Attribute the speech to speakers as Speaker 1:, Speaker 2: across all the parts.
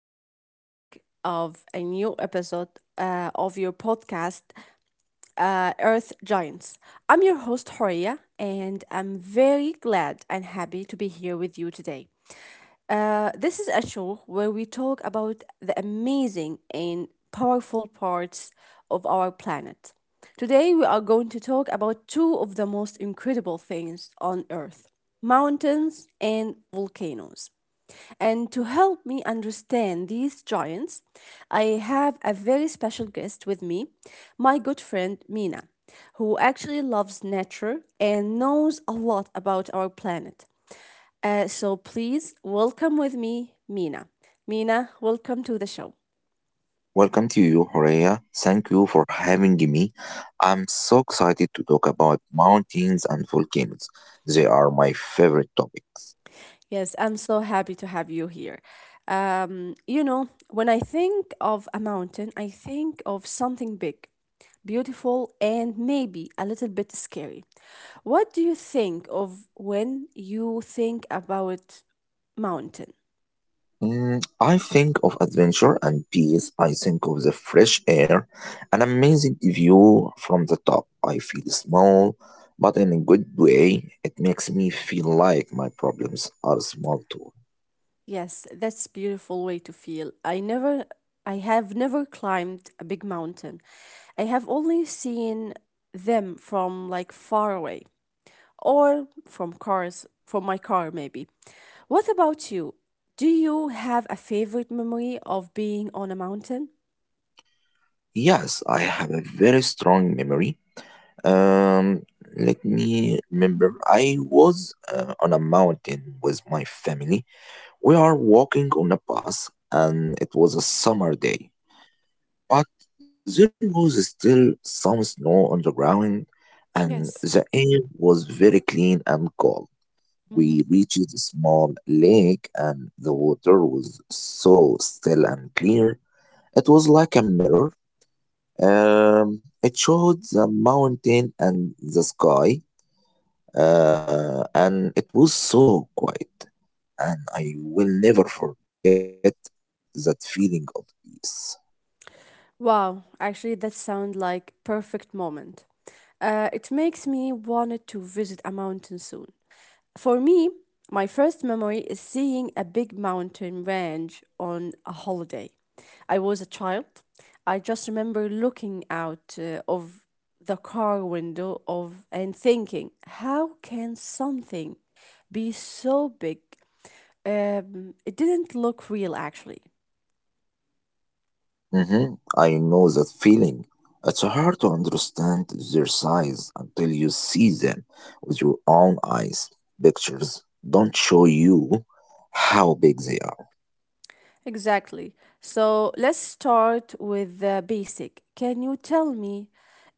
Speaker 1: welcome back of a new episode of your podcast Earth Giants. I'm your host Horia and I'm very glad and happy to be here with you today. This is a show where we talk about the amazing and powerful parts of our planet. Today, we are going to talk about two of the most incredible things on Earth, mountains and volcanoes. And to help me understand these giants, I have a very special guest with me, my good friend Mina, who actually loves nature and knows a lot about our planet. So please welcome with me Mina. Mina, welcome to the show.
Speaker 2: Welcome to you, Horea. Thank you for having me. I'm so excited to talk about mountains and volcanoes. They are my favorite topics.
Speaker 1: Yes, I'm so happy to have you here. When I think of a mountain, I think of something big, beautiful, and maybe a little bit scary. What do you think of when you think about mountain?
Speaker 2: I think of adventure and peace. I think of the fresh air, an amazing view from the top. I feel small, but in a good way. It makes me feel like my problems are small too.
Speaker 1: Yes, that's beautiful way to feel. I have never climbed a big mountain. I have only seen them from like far away or from cars, from my car maybe. What about you? Do you have a favorite memory of being on a mountain?
Speaker 2: Yes, I have a very strong memory. Um, Let me remember. I was on a mountain with my family. We are walking on a bus, and it was a summer day, but there was still some snow on the ground, and the
Speaker 1: Yes.
Speaker 2: air was very clean and cold. We reached a small lake, and the water was so still and clear. It was like a mirror. It showed the mountain and the sky. And it was so quiet, and I will never forget that feeling of peace.
Speaker 1: Wow, actually, that sounds like perfect moment. It makes me wanted to visit a mountain soon. For me, my first memory is seeing a big mountain range on a holiday. I was a child. I just remember looking out of the car window of and thinking, how can something be so big? It didn't look real actually.
Speaker 2: I know that feeling. It's hard to understand their size until you see them with your own eyes. Pictures don't show you how big they.
Speaker 1: Exactly. So let's start with the basic. Can you tell me,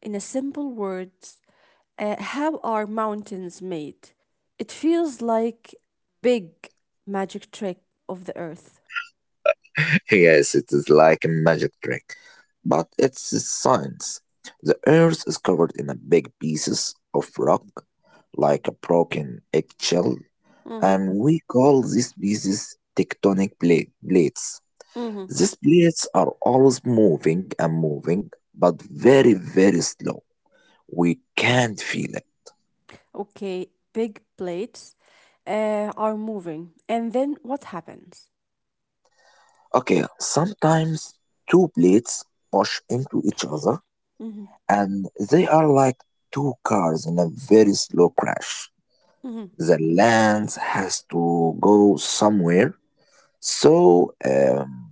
Speaker 1: in a simple words, how are mountains made? It feels like big magic trick of the earth.
Speaker 2: Yes, it is like a magic trick. But it's science. The earth is covered in a big pieces of rock, like a broken eggshell,
Speaker 1: Mm-hmm.
Speaker 2: and we call these pieces tectonic plates.
Speaker 1: Mm-hmm.
Speaker 2: These plates are always moving, but very, very slow. We can't feel it.
Speaker 1: Okay, big plates are moving, and then what happens?
Speaker 2: Okay, sometimes two plates push into each other,
Speaker 1: Mm-hmm.
Speaker 2: and they are like two cars in a very slow crash.
Speaker 1: Mm-hmm.
Speaker 2: The lens has to go somewhere. So, um,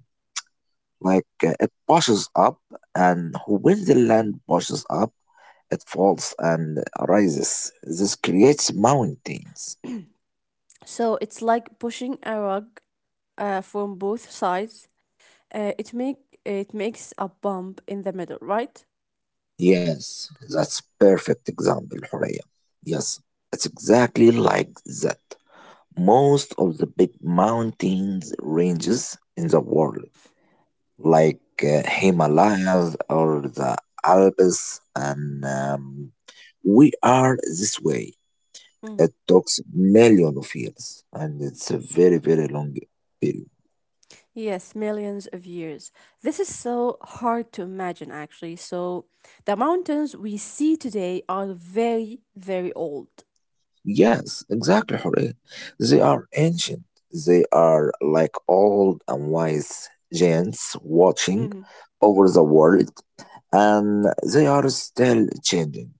Speaker 2: like uh, it pushes up, and when the land pushes up, it falls and rises. This creates mountains.
Speaker 1: So it's like pushing a rug from both sides. Uh, it make it makes a bump in the middle, right?
Speaker 2: Yes, that's perfect example, Horea. Yes, it's exactly like that. Most of the big mountains ranges in the world like Himalayas or the Alps, and we are this way.
Speaker 1: Mhm.
Speaker 2: It takes million of years, and it's a very very long period.
Speaker 1: Yes, millions of years. This is so hard to imagine, actually. So, the mountains we see today are very, very old.
Speaker 2: Yes, exactly, Hore. They are ancient. They are like old and wise giants watching
Speaker 1: Mhm.
Speaker 2: over the world, and they are still changing.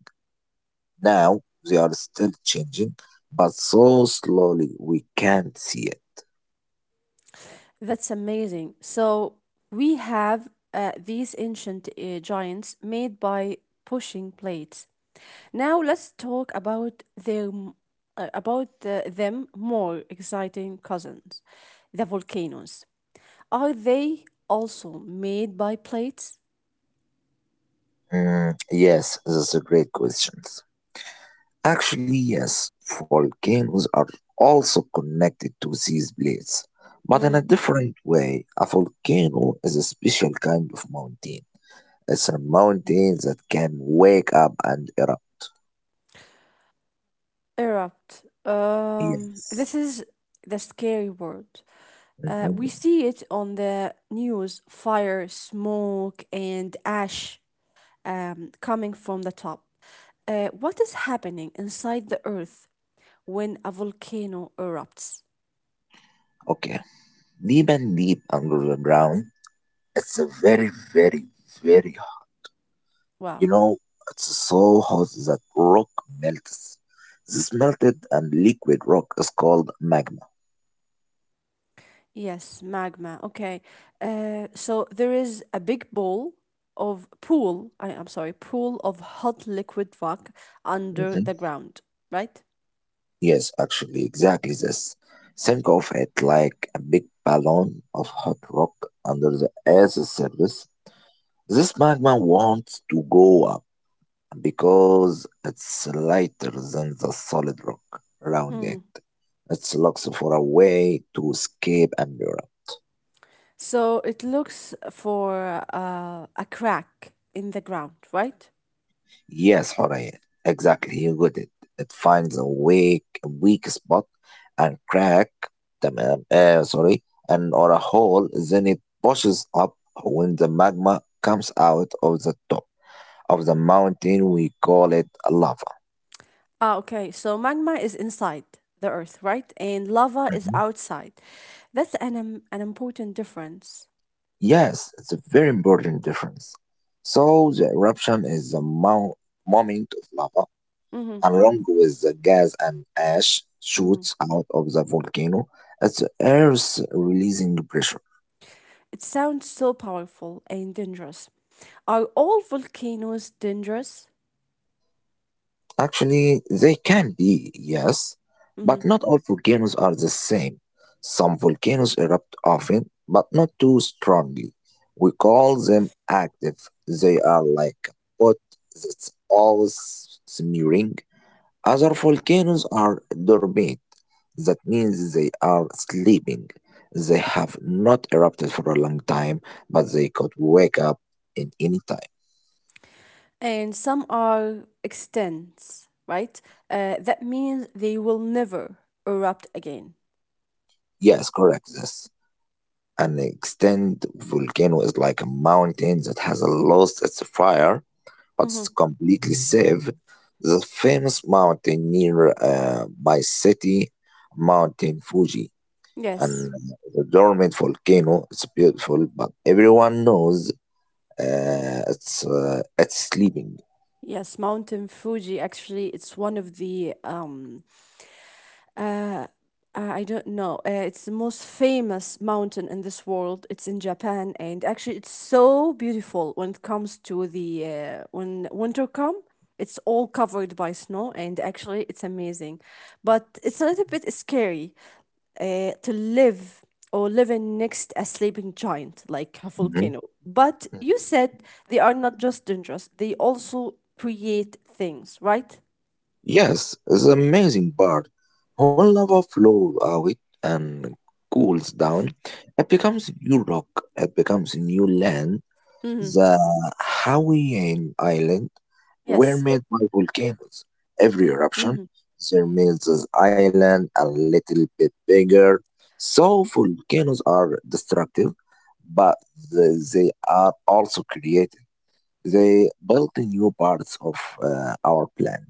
Speaker 2: Now they are still changing, but so slowly we can't see it.
Speaker 1: That's amazing. So, we have these ancient giants made by pushing plates. Now, let's talk about their m- about the, them more exciting cousins, the volcanoes. Are they also made by plates?
Speaker 2: Yes, that's a great question. Actually, yes, volcanoes are also connected to these blades, but in a different way. A volcano is a special kind of mountain. It's a mountain that can wake up and erupt.
Speaker 1: Erupt.
Speaker 2: Yes.
Speaker 1: This is the scary word. We
Speaker 2: Mhm.
Speaker 1: see it on the news fire, smoke, and ash coming from the top. What is happening inside the earth when a volcano erupts?
Speaker 2: Okay. Deep under the ground. It's a very, very, very hot.
Speaker 1: Wow.
Speaker 2: You know, it's so hot that rock melts. This melted and liquid rock is called magma.
Speaker 1: Yes, magma. Okay. So there is a big ball of pool, I'm sorry, pool of hot liquid rock under the ground, right?
Speaker 2: Yes, actually, exactly this. Think of it like a big balloon of hot rock under the Earth's surface. This magma wants to go up because it's lighter than the solid rock around
Speaker 1: Mm-hmm.
Speaker 2: it. It looks for a way to escape and burn.
Speaker 1: So it looks for a crack in the ground, right?
Speaker 2: Yes, Horia, exactly. You got it. It finds a weak spot and crack, تمام, uh, sorry, and or a hole. Then it pushes up when the magma comes out of the top of the mountain. We call it lava.
Speaker 1: Ah, okay. So magma is inside the earth, right? And lava is
Speaker 2: Mhm.
Speaker 1: outside. That's an important difference.
Speaker 2: Yes, it's a very important difference. So the eruption is the moment of lava
Speaker 1: Hmm.
Speaker 2: along with the gas and ash
Speaker 1: Hmm.
Speaker 2: shoots out of the volcano at the Earth's releasing pressure.
Speaker 1: It sounds so powerful and dangerous. Are all volcanoes dangerous?
Speaker 2: Actually, they can be, yes,
Speaker 1: Hmm.
Speaker 2: but not all volcanoes are the same. Some volcanoes erupt often, but not too strongly. We call them active. They are like a pot that's always smearing. Other volcanoes are dormant. That means they are sleeping. They have not erupted for a long time, but they could wake up in any time.
Speaker 1: And some are extinct, right? That means they will never erupt again.
Speaker 2: Yes, correct. This an extinct volcano is like a mountain that has lost its fire, but it's
Speaker 1: Hmm.
Speaker 2: completely safe. The famous mountain near my city, Mountain Fuji,
Speaker 1: Yes.
Speaker 2: and the dormant volcano. It's beautiful, but everyone knows it's sleeping.
Speaker 1: Yes, Mountain Fuji. Actually, it's one of the I don't know. It's the most famous mountain in this world. It's in Japan, and actually, it's so beautiful when it comes to the when winter come. It's all covered by snow, and actually, it's amazing. But it's a little bit scary to live or living next a sleeping giant like a
Speaker 2: Mhm.
Speaker 1: volcano. But
Speaker 2: Mm.
Speaker 1: you said they are not just dangerous; they also create things, right?
Speaker 2: Yes, it's an amazing part. When lava flows out and cools down, it becomes new rock. It becomes new land.
Speaker 1: Mhm.
Speaker 2: The Hawaiian island were
Speaker 1: Yes.
Speaker 2: made by volcanoes. Every eruption,
Speaker 1: Mhm.
Speaker 2: there makes this island a little bit bigger. So volcanoes are destructive, but they are also creative. They built new parts of our plan.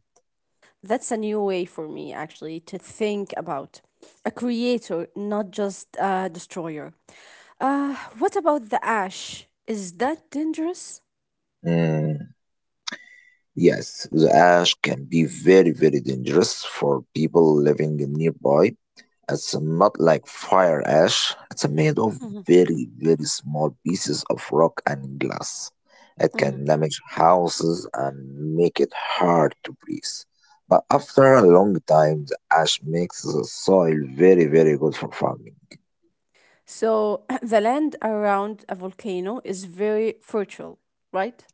Speaker 1: That's a new way for me actually to think about a creator, not just a destroyer. What about the ash? Is that dangerous?
Speaker 2: Mm, yes, the ash can be very, very dangerous for people living nearby. It's not like fire ash. It's made of
Speaker 1: Mhm,
Speaker 2: very, very small pieces of rock and glass. It
Speaker 1: mhm.
Speaker 2: can damage houses and make it hard to breathe. But after a long time, the ash makes the soil very, very good for farming.
Speaker 1: So the land around a volcano is very fertile, right?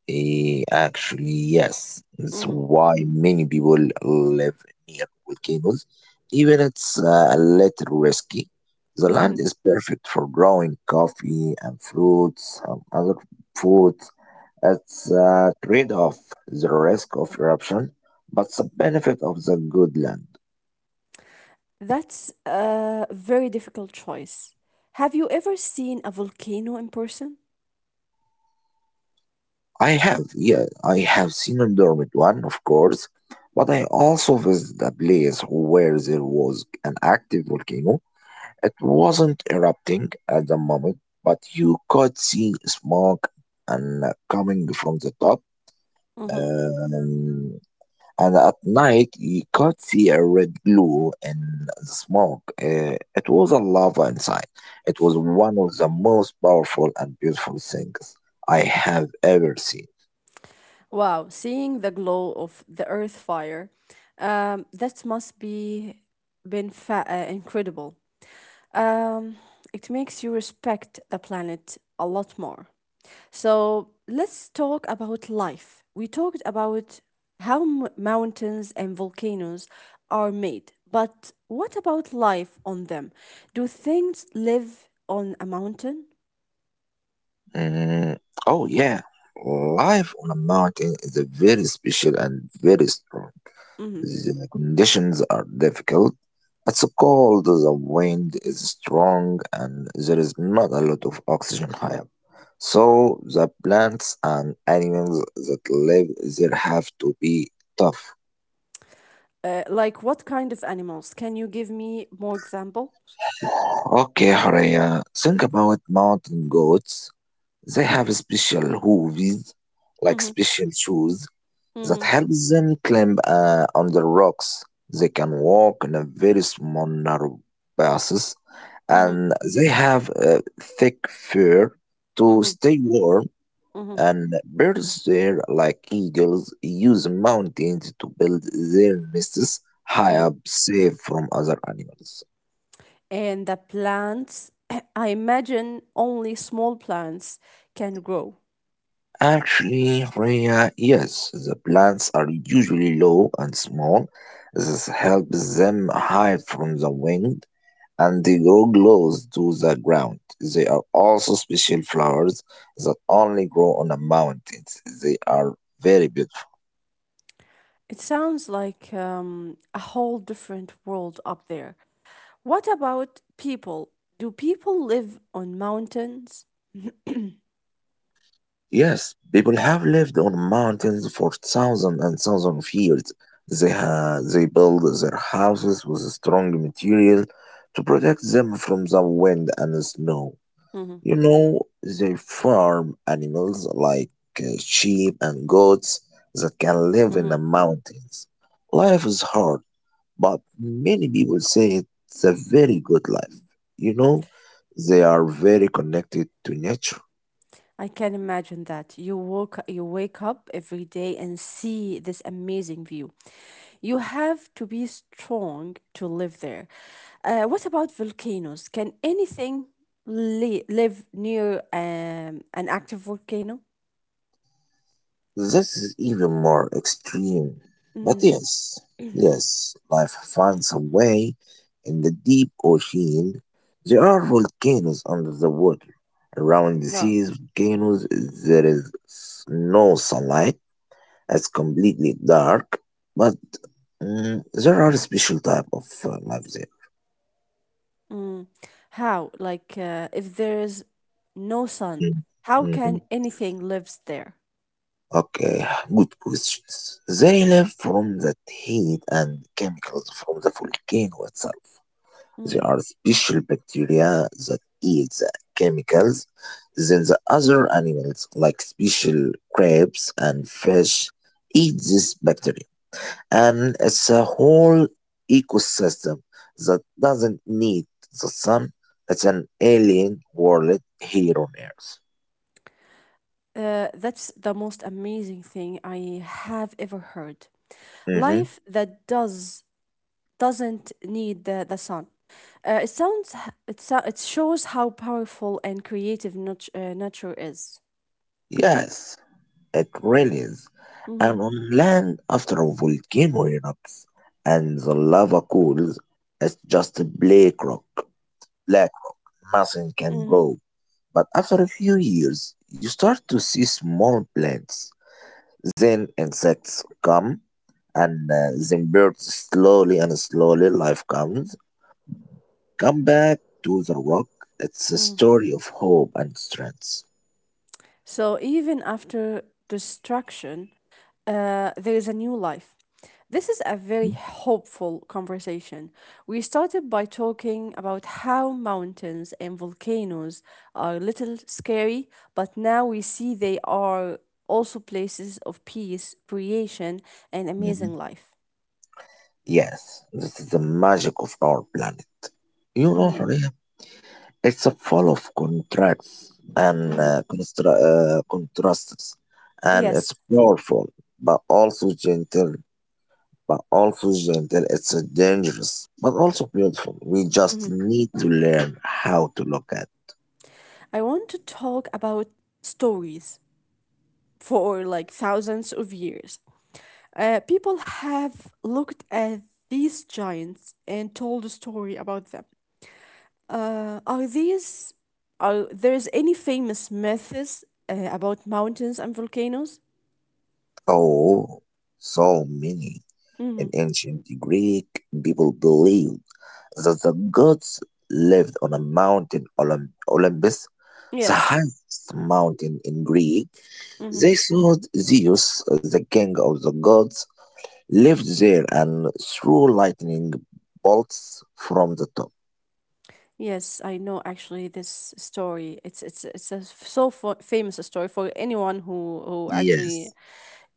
Speaker 2: Actually, yes. That's
Speaker 1: Mhm.
Speaker 2: why many people live near volcanoes, even it's a little risky. The
Speaker 1: Mhm.
Speaker 2: land is perfect for growing coffee and fruits and other foods. It's a trade-off, the risk of eruption, but the benefit of the good land.
Speaker 1: That's a very difficult choice. Have you ever seen a volcano in person?
Speaker 2: I have, yeah, I have seen a dormant one, of course, but I also visited a place where there was an active volcano. It wasn't erupting at the moment, but you could see smoke and coming from the top. Um, and at night, you could see a red glow in the smoke. It was a lava inside. It was one of the most powerful and beautiful things I have ever seen.
Speaker 1: Wow, seeing the glow of the earth fire, that must be been incredible. Um, it makes you respect the planet a lot more. So let's talk about life. We talked about how mountains and volcanoes are made, but what about life on them? Do things live on a mountain?
Speaker 2: Mm, oh yeah, life on a mountain is a very special and very strong.
Speaker 1: Hmm.
Speaker 2: The conditions are difficult. It's cold, the wind is strong, and there is not a lot of oxygen high up. So the plants and animals that live there have to be tough.
Speaker 1: Like what kind of animals? Can you give me more examples?
Speaker 2: Okay, Horea, think about mountain goats. They have special hooves, like
Speaker 1: Mm-hmm.
Speaker 2: special shoes, that helps them climb on the rocks. They can walk in a very small narrow passes
Speaker 1: Mhm,
Speaker 2: and they have a thick fur to
Speaker 1: mhm,
Speaker 2: stay warm,
Speaker 1: mhm,
Speaker 2: and birds there like eagles use mountains to build their nests high
Speaker 1: mhm.
Speaker 2: up safe from other animals.
Speaker 1: And the plants, I imagine only small plants can grow.
Speaker 2: Actually, Rhea, yes, the plants are usually low and small. This helps them hide from the wind and they grow close to the ground. They are also special flowers that only grow on the mountains. They are very beautiful.
Speaker 1: It sounds like a whole different world up there. What about people? Do people live on mountains?
Speaker 2: Yes, people have lived on mountains for thousands and thousands of years. They build their houses with strong material to protect them from the wind and snow.
Speaker 1: Mhm,
Speaker 2: You know, they farm animals like sheep and goats that can live in
Speaker 1: mhm.
Speaker 2: the mountains. Life is hard. But many people say it's a very good life. You know, they are very connected to nature.
Speaker 1: I can imagine that. You wake up every day and see this amazing view. You have to be strong to live there. What about volcanoes? Can anything live near an active volcano?
Speaker 2: This is even more extreme. But
Speaker 1: Mm.
Speaker 2: yes, yes, life finds a way in the deep ocean. There are volcanoes under the water. Around
Speaker 1: Yeah.
Speaker 2: these volcanoes, there is no sunlight. It's completely dark. But there are special type of life there.
Speaker 1: Mm. How? Like, if there is no sun, how
Speaker 2: Mhm.
Speaker 1: can anything lives there?
Speaker 2: Okay, good questions. They live from the heat and chemicals from the volcano itself. There
Speaker 1: Mm-hmm.
Speaker 2: are special bacteria that eat the chemicals. Then the other animals, like special crabs and fish, eat this bacteria. And it's a whole ecosystem that doesn't need the sun. It's an alien world here on Earth.
Speaker 1: That's the most amazing thing I have ever heard.
Speaker 2: hmm
Speaker 1: Life that doesn't need the sun. It sounds h- it so, it shows how powerful and creative nature is.
Speaker 2: Yes. It releases,
Speaker 1: Hmm.
Speaker 2: and on land after a volcano erupts and the lava cools, it's just a black rock, black, nothing can
Speaker 1: Hmm.
Speaker 2: grow. But after a few years, you start to see small plants, then insects come, and then birds slowly and slowly life comes. Come back to the rock. It's a
Speaker 1: Hmm.
Speaker 2: story of hope and strength.
Speaker 1: So even after destruction, there is a new life. This is a very
Speaker 2: Mhm.
Speaker 1: hopeful conversation. We started by talking about how mountains and volcanoes are a little scary, but now we see they are also places of peace, creation, and amazing
Speaker 2: Mhm.
Speaker 1: life.
Speaker 2: Yes, this is the magic of our planet. You know,
Speaker 1: Mm,
Speaker 2: Horea, it's a full of contracts and
Speaker 1: mhm.
Speaker 2: contrasts, and
Speaker 1: Yes.
Speaker 2: it's powerful, but also gentle. But also gentle. It's dangerous, but also beautiful. We just
Speaker 1: Mhm.
Speaker 2: need to learn how to look at.
Speaker 1: I want to talk about stories for like thousands of years. People have looked at these giants and told a story about them. Are these are there's any famous myths about mountains and volcanoes?
Speaker 2: Oh, so many
Speaker 1: Mm-hmm.
Speaker 2: in ancient Greek people believed that the gods lived on a mountain Olympus, the
Speaker 1: Yes.
Speaker 2: highest mountain in Greece.
Speaker 1: Mm-hmm.
Speaker 2: They made Zeus, the king of the gods, lived there and threw lightning bolts from the top.
Speaker 1: Yes, I know actually this story. It's a so famous story for anyone who actually
Speaker 2: Yes,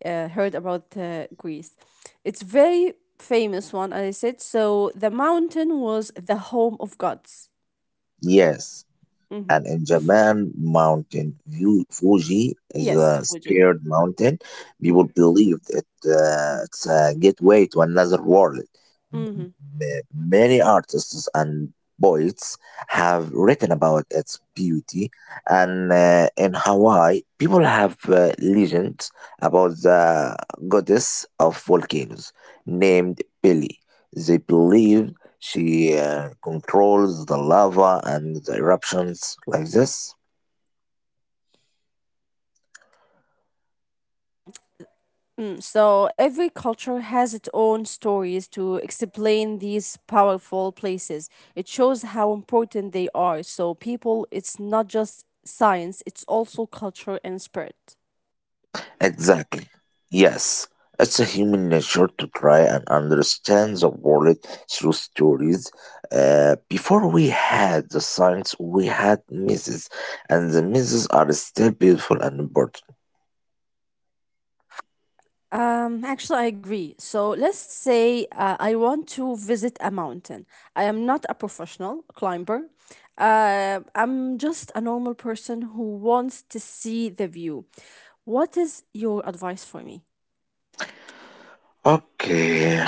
Speaker 1: heard about Greece. It's very famous one, as I said. So the mountain was the home of gods.
Speaker 2: yes.
Speaker 1: Hmm.
Speaker 2: And in Japan mountain, view Fuji is
Speaker 1: Yes,
Speaker 2: a
Speaker 1: Fuji.
Speaker 2: scared mountain.
Speaker 1: Mm.
Speaker 2: People believed it, it's a gateway to another world.
Speaker 1: Hmm.
Speaker 2: Many artists and poets have written about its beauty, and in Hawaii, people have legends about the goddess of volcanoes named Pili. They believe she controls the lava and the eruptions like this.
Speaker 1: Mm. Mm. So every culture has its own stories to explain these powerful places. It shows how important they are. So people, it's not just science; it's also culture and spirit.
Speaker 2: Exactly. Yes, it's a human nature to try and understand the world through stories. Before we had the science, we had myths, and the myths are still beautiful and important.
Speaker 1: Actually, I agree. So let's say I want to visit a mountain. I am not a professional climber. I'm just a normal person who wants to see the view. What is your advice for me?
Speaker 2: Okay.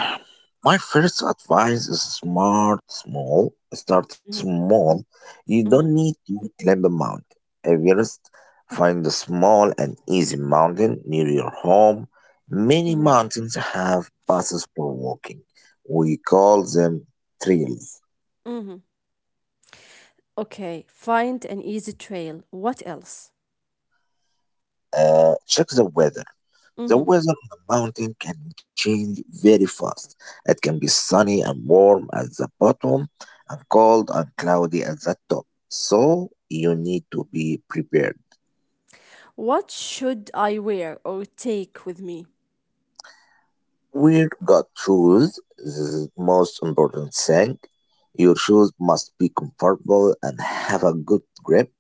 Speaker 2: My first advice is smart small. Start
Speaker 1: Mhm,
Speaker 2: small. You don't
Speaker 1: mhm,
Speaker 2: need to climb a mountain. Everest. Find a small and easy mountain near your home. Many
Speaker 1: mhm,
Speaker 2: mountains have passes for walking. We call them trails.
Speaker 1: mhm. Okay, find an easy trail. What else?
Speaker 2: Check the weather. The
Speaker 1: Mhm.
Speaker 2: weather on the mountain can change very fast. It can be sunny and warm at the bottom and cold and cloudy at the top. So you need to be prepared.
Speaker 1: What should I wear or take with me?
Speaker 2: Wear good shoes is the most important thing. Your shoes must be comfortable and have a good grip.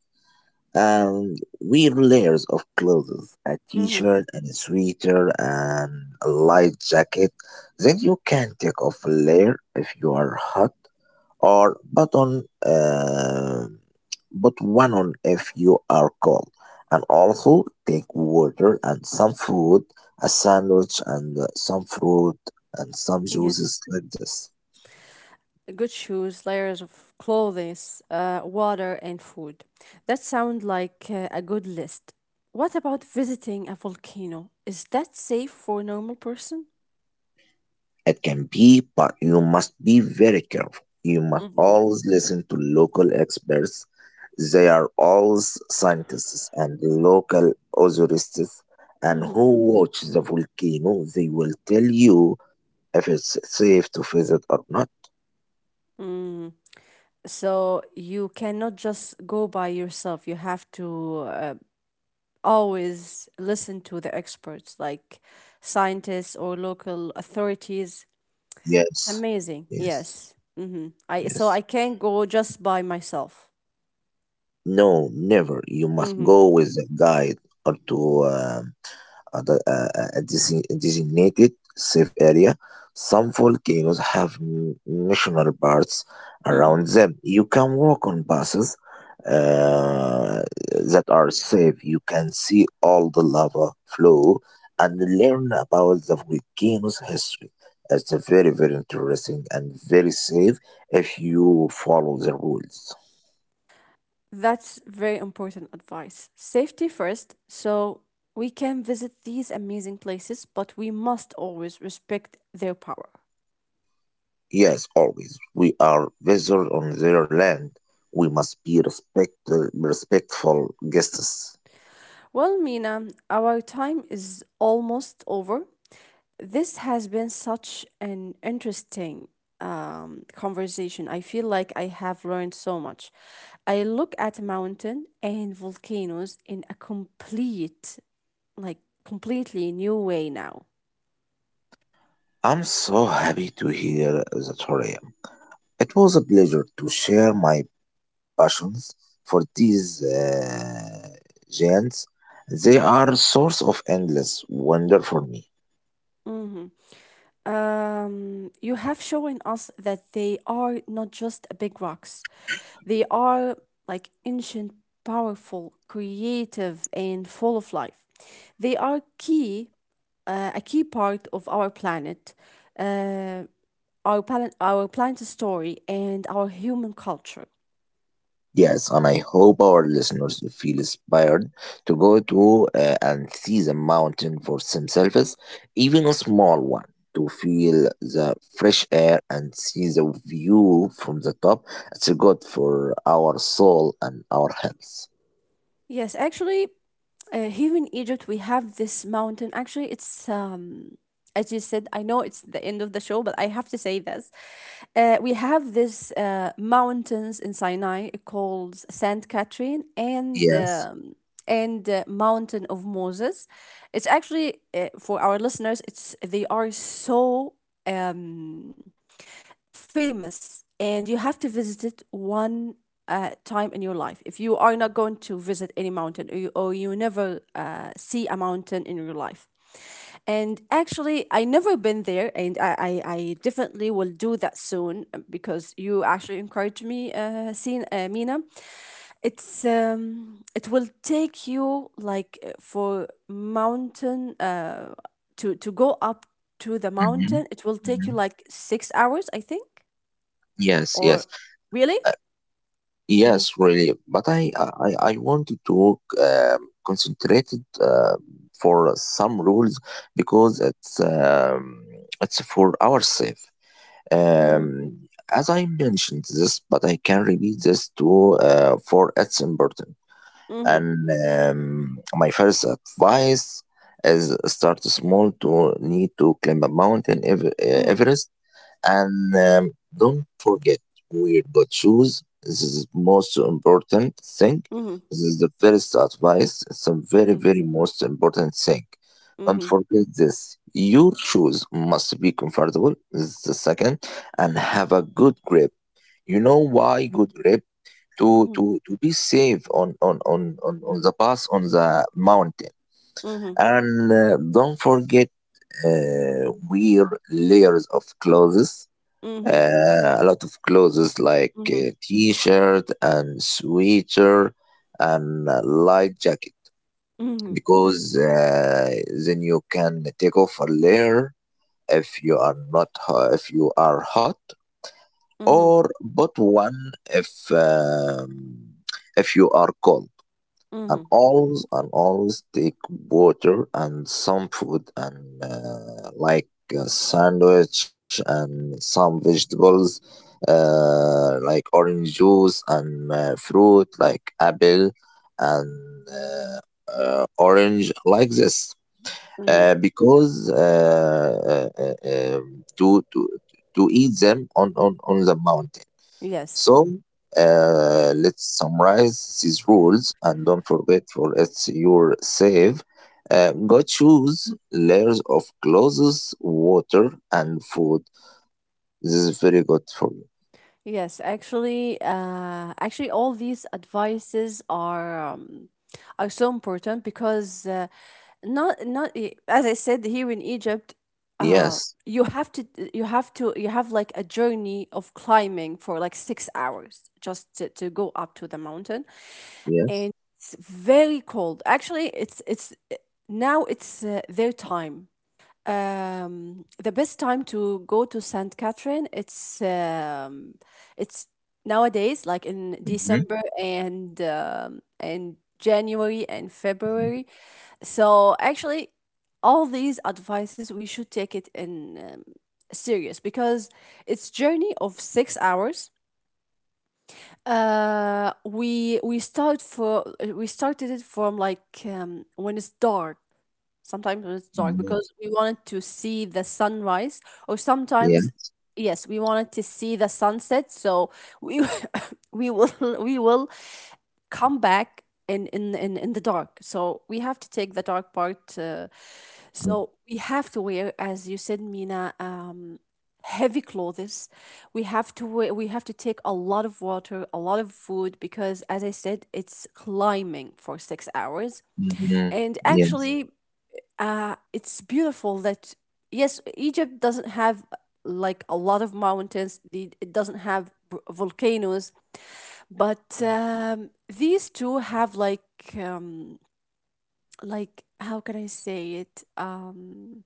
Speaker 2: And wear layers of clothes, a
Speaker 1: Mhm.
Speaker 2: t-shirt and a sweater and a light jacket. Then you can take off a layer if you are hot or but on but one on if you are cold and also take water and some food, a sandwich and some fruit and some
Speaker 1: Yes,
Speaker 2: juices like this.
Speaker 1: good shoes, layers of clothes, water, and food. That sounds like a good list. What about visiting a volcano? Is that safe for a normal person?
Speaker 2: It can be, but you must be very careful. You must
Speaker 1: Hmm.
Speaker 2: always listen to local experts. They are always scientists and local authorities and
Speaker 1: Hmm.
Speaker 2: who watch the volcano. They will tell you if it's safe to visit or not.
Speaker 1: So you cannot just go by yourself. You have to always listen to the experts, like scientists or local authorities.
Speaker 2: Yes,
Speaker 1: It's amazing.
Speaker 2: yes,
Speaker 1: Yes. Hmm.
Speaker 2: yes.
Speaker 1: I can't go just by myself.
Speaker 2: No, never. You must
Speaker 1: Mm-hmm.
Speaker 2: go with a guide or to other a designated safe area. Some volcanoes have national parks around them. You can walk on buses uh, that are safe. You can see all the lava flow and learn about the volcano's history. It's a very, very interesting and very safe if you follow the rules.
Speaker 1: That's very important advice. Safety first. So we can visit these amazing places, but we must always respect their power.
Speaker 2: Yes, always. We are visitors on their land. We must be respectful guests.
Speaker 1: Well, Mina, our time is almost over. This has been such an interesting conversation. I feel like I have learned so much. I look at mountain and volcanoes in a like completely new way now.
Speaker 2: I'm so happy to hear that, Horia. It was a pleasure to share my passions for these giants. They are a source of endless wonder for me.
Speaker 1: Mm-hmm. You have shown us that they are not just big rocks, they are like ancient, powerful, creative, and full of life. They are a key part of our uh, planet's story, and our human culture.
Speaker 2: Yes, and I hope our listeners feel inspired to go to and see the mountain for themselves, even a small one, to feel the fresh air and see the view from the top. It's good for our soul and our health.
Speaker 1: Yes, actually, here in Egypt we have this mountain. Actually, it's as you said, I know it's the end of the show, but I have to say this. We have this mountains in Sinai called Saint Catherine and
Speaker 2: Yes.
Speaker 1: um, and uh, Mountain of Moses. It's actually for our listeners. It's they are so. Um, Famous and you have to visit it one time in your life. If you are not going to visit any mountain or you never see a mountain in your life. And actually, I never been there, and I definitely will do that soon because you actually encouraged me, seen Mina, it will take you like for mountain to go up to the
Speaker 2: Hmm.
Speaker 1: mountain. It will take
Speaker 2: Hmm.
Speaker 1: you like 6 hours, I think.
Speaker 2: Yes,
Speaker 1: Or
Speaker 2: yes.
Speaker 1: really? Mhm.
Speaker 2: Yes, really. But I wanted to work concentrated for some rules because it's for our safe.
Speaker 1: Mhm.
Speaker 2: As I mentioned this, but I can repeat this too. For it's important.
Speaker 1: Mhm.
Speaker 2: And my first advice is start small to need to climb a mountain.
Speaker 1: Mhm.
Speaker 2: Everest. And don't forget, wear good shoes. This is most important thing.
Speaker 1: Mhm.
Speaker 2: This is the first advice. It's a very,
Speaker 1: Mhm.
Speaker 2: very most important thing. Don't
Speaker 1: Mhm.
Speaker 2: forget this. Your shoes must be comfortable. This is the second, and have a good grip. You know why good grip? To be safe on the pass on the mountain.
Speaker 1: Mhm.
Speaker 2: And don't forget, wear layers of clothes,
Speaker 1: Mhm.
Speaker 2: a lot of clothes like
Speaker 1: Mhm. Mhm.
Speaker 2: t-shirt and sweater and a light jacket
Speaker 1: Mhm.
Speaker 2: because then you can take off a layer if you are not if you are hot
Speaker 1: Mhm.
Speaker 2: or but one if you are cold. And
Speaker 1: Mhm.
Speaker 2: always and always take water and some food and like a sandwich and some vegetables, like orange juice and fruit like apple and orange like this,
Speaker 1: Mhm.
Speaker 2: because to, to eat them on, on the mountain.
Speaker 1: Yes.
Speaker 2: So let's summarize these rules and don't forget for it's your save. Go choose layers of clothes, water, and food. This is very good for you.
Speaker 1: Yes, actually, all these advices are so important because not not I- as I said here in Egypt, uh,
Speaker 2: Yes,
Speaker 1: you have to you have like a journey of climbing for like 6 hours just to go up to the mountain, and
Speaker 2: yes.
Speaker 1: it's very cold. Actually, it's now it's their time, the best time to go to St. Catherine, it's it's nowadays like in
Speaker 2: Mm-hmm.
Speaker 1: December and January and February. So actually, all these advices we should take it in serious because it's journey of 6 hours. Uh, we we start for we started it from like when it's dark. Sometimes when it's
Speaker 2: Mm-hmm.
Speaker 1: dark because we wanted to see the sunrise, or
Speaker 2: Yes.
Speaker 1: sometimes, yes, we wanted to see the sunset. So we we will we will come back in the dark. So we have to take the dark part.
Speaker 2: Mm-hmm.
Speaker 1: So we have to wear, as you said, Mina, heavy clothes. We have to take a lot of water, a lot of food because, as I said, it's climbing for 6 hours.
Speaker 2: Mm-hmm.
Speaker 1: And
Speaker 2: Yes.
Speaker 1: actually, it's beautiful that yes Egypt doesn't have like a lot of mountains, it doesn't have volcanoes but these two have like how can I say it,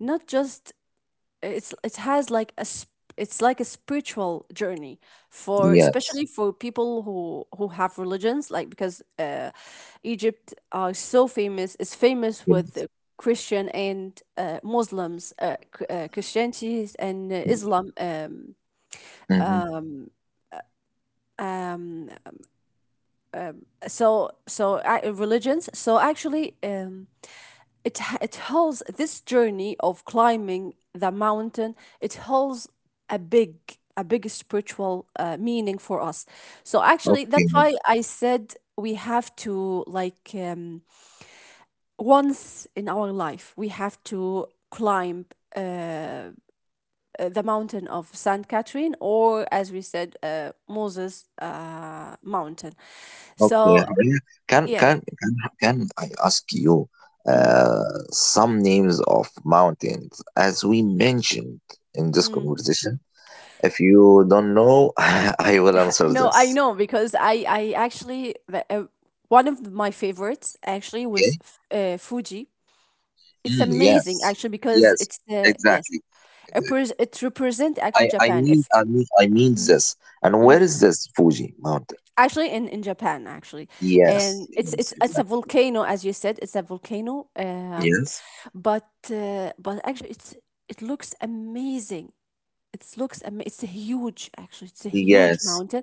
Speaker 1: not just, it's it has like a sp- it's like a spiritual journey for
Speaker 2: Yes.
Speaker 1: especially for people who have religions like because Egypt are so famous is famous with the
Speaker 2: Yes.
Speaker 1: Christian and Muslims, Christianity and Islam
Speaker 2: Mm-hmm.
Speaker 1: um religions, so actually it holds this journey of climbing the mountain, it holds a big a big spiritual meaning for us, so actually
Speaker 2: Okay.
Speaker 1: that's why I said we have to like, once in our life we have to climb uh, the mountain of Saint Catherine, or as we said, Moses mountain.
Speaker 2: Okay,
Speaker 1: So
Speaker 2: Haria, can
Speaker 1: yes.
Speaker 2: can can can I ask you uh, some names of mountains as we mentioned in this
Speaker 1: Mhm.
Speaker 2: conversation? If you don't know, I will answer
Speaker 1: No, I
Speaker 2: this.
Speaker 1: know because I actually one of my favorites actually was
Speaker 2: Okay?
Speaker 1: Fuji. It's
Speaker 2: Mm,
Speaker 1: amazing
Speaker 2: yes,
Speaker 1: actually because
Speaker 2: yes,
Speaker 1: it's yes,
Speaker 2: exactly.
Speaker 1: it,
Speaker 2: Exact-
Speaker 1: pres- it represent actually
Speaker 2: I I
Speaker 1: Japan. If
Speaker 2: mean I mean I mean this. And where
Speaker 1: mhm.
Speaker 2: is this Fuji mountain?
Speaker 1: Actually in Japan actually,
Speaker 2: Yes,
Speaker 1: and it's
Speaker 2: yes,
Speaker 1: it's it's
Speaker 2: exactly.
Speaker 1: a volcano as you said. It's a volcano.
Speaker 2: Yes,
Speaker 1: But but actually it looks amazing. It looks am- it's a huge actually it's a huge
Speaker 2: yes,
Speaker 1: mountain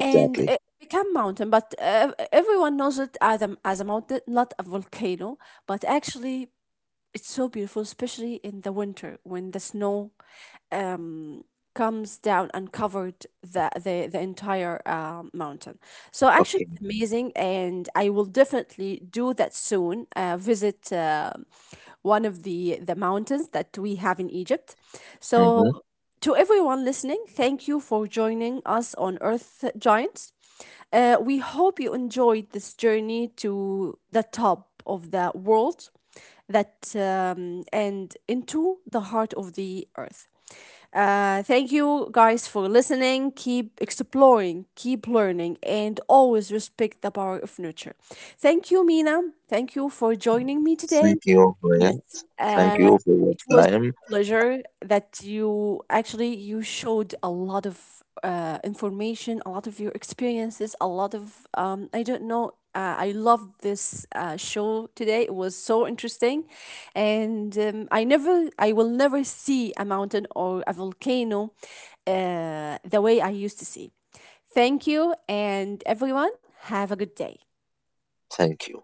Speaker 1: and it became mountain but everyone knows it as a mountain not a volcano, but actually it's so beautiful, especially in the winter when the snow, um, comes down and covered the entire mountain. So actually,
Speaker 2: Okay.
Speaker 1: it's amazing, and I will definitely do that soon. Visit one of the mountains that we have in Egypt. So.
Speaker 2: Mm-hmm.
Speaker 1: To everyone listening, thank you for joining us on Earth Giants. We hope you enjoyed this journey to the top of the world that and into the heart of the earth. Thank you guys for listening. Keep exploring, keep learning, and always respect the power of nature. Thank you, Mina. Thank you for joining me
Speaker 2: Thank
Speaker 1: today.
Speaker 2: you, Haria.
Speaker 1: Yes,
Speaker 2: Thank you
Speaker 1: uh,
Speaker 2: for your
Speaker 1: it was
Speaker 2: time.
Speaker 1: my pleasure that you showed a lot of information, a lot of your experiences, a lot of I don't know. I love this show today. It was so interesting, and I will never see a mountain or a volcano the way I used to see. Thank you, and everyone have a good day.
Speaker 2: Thank you.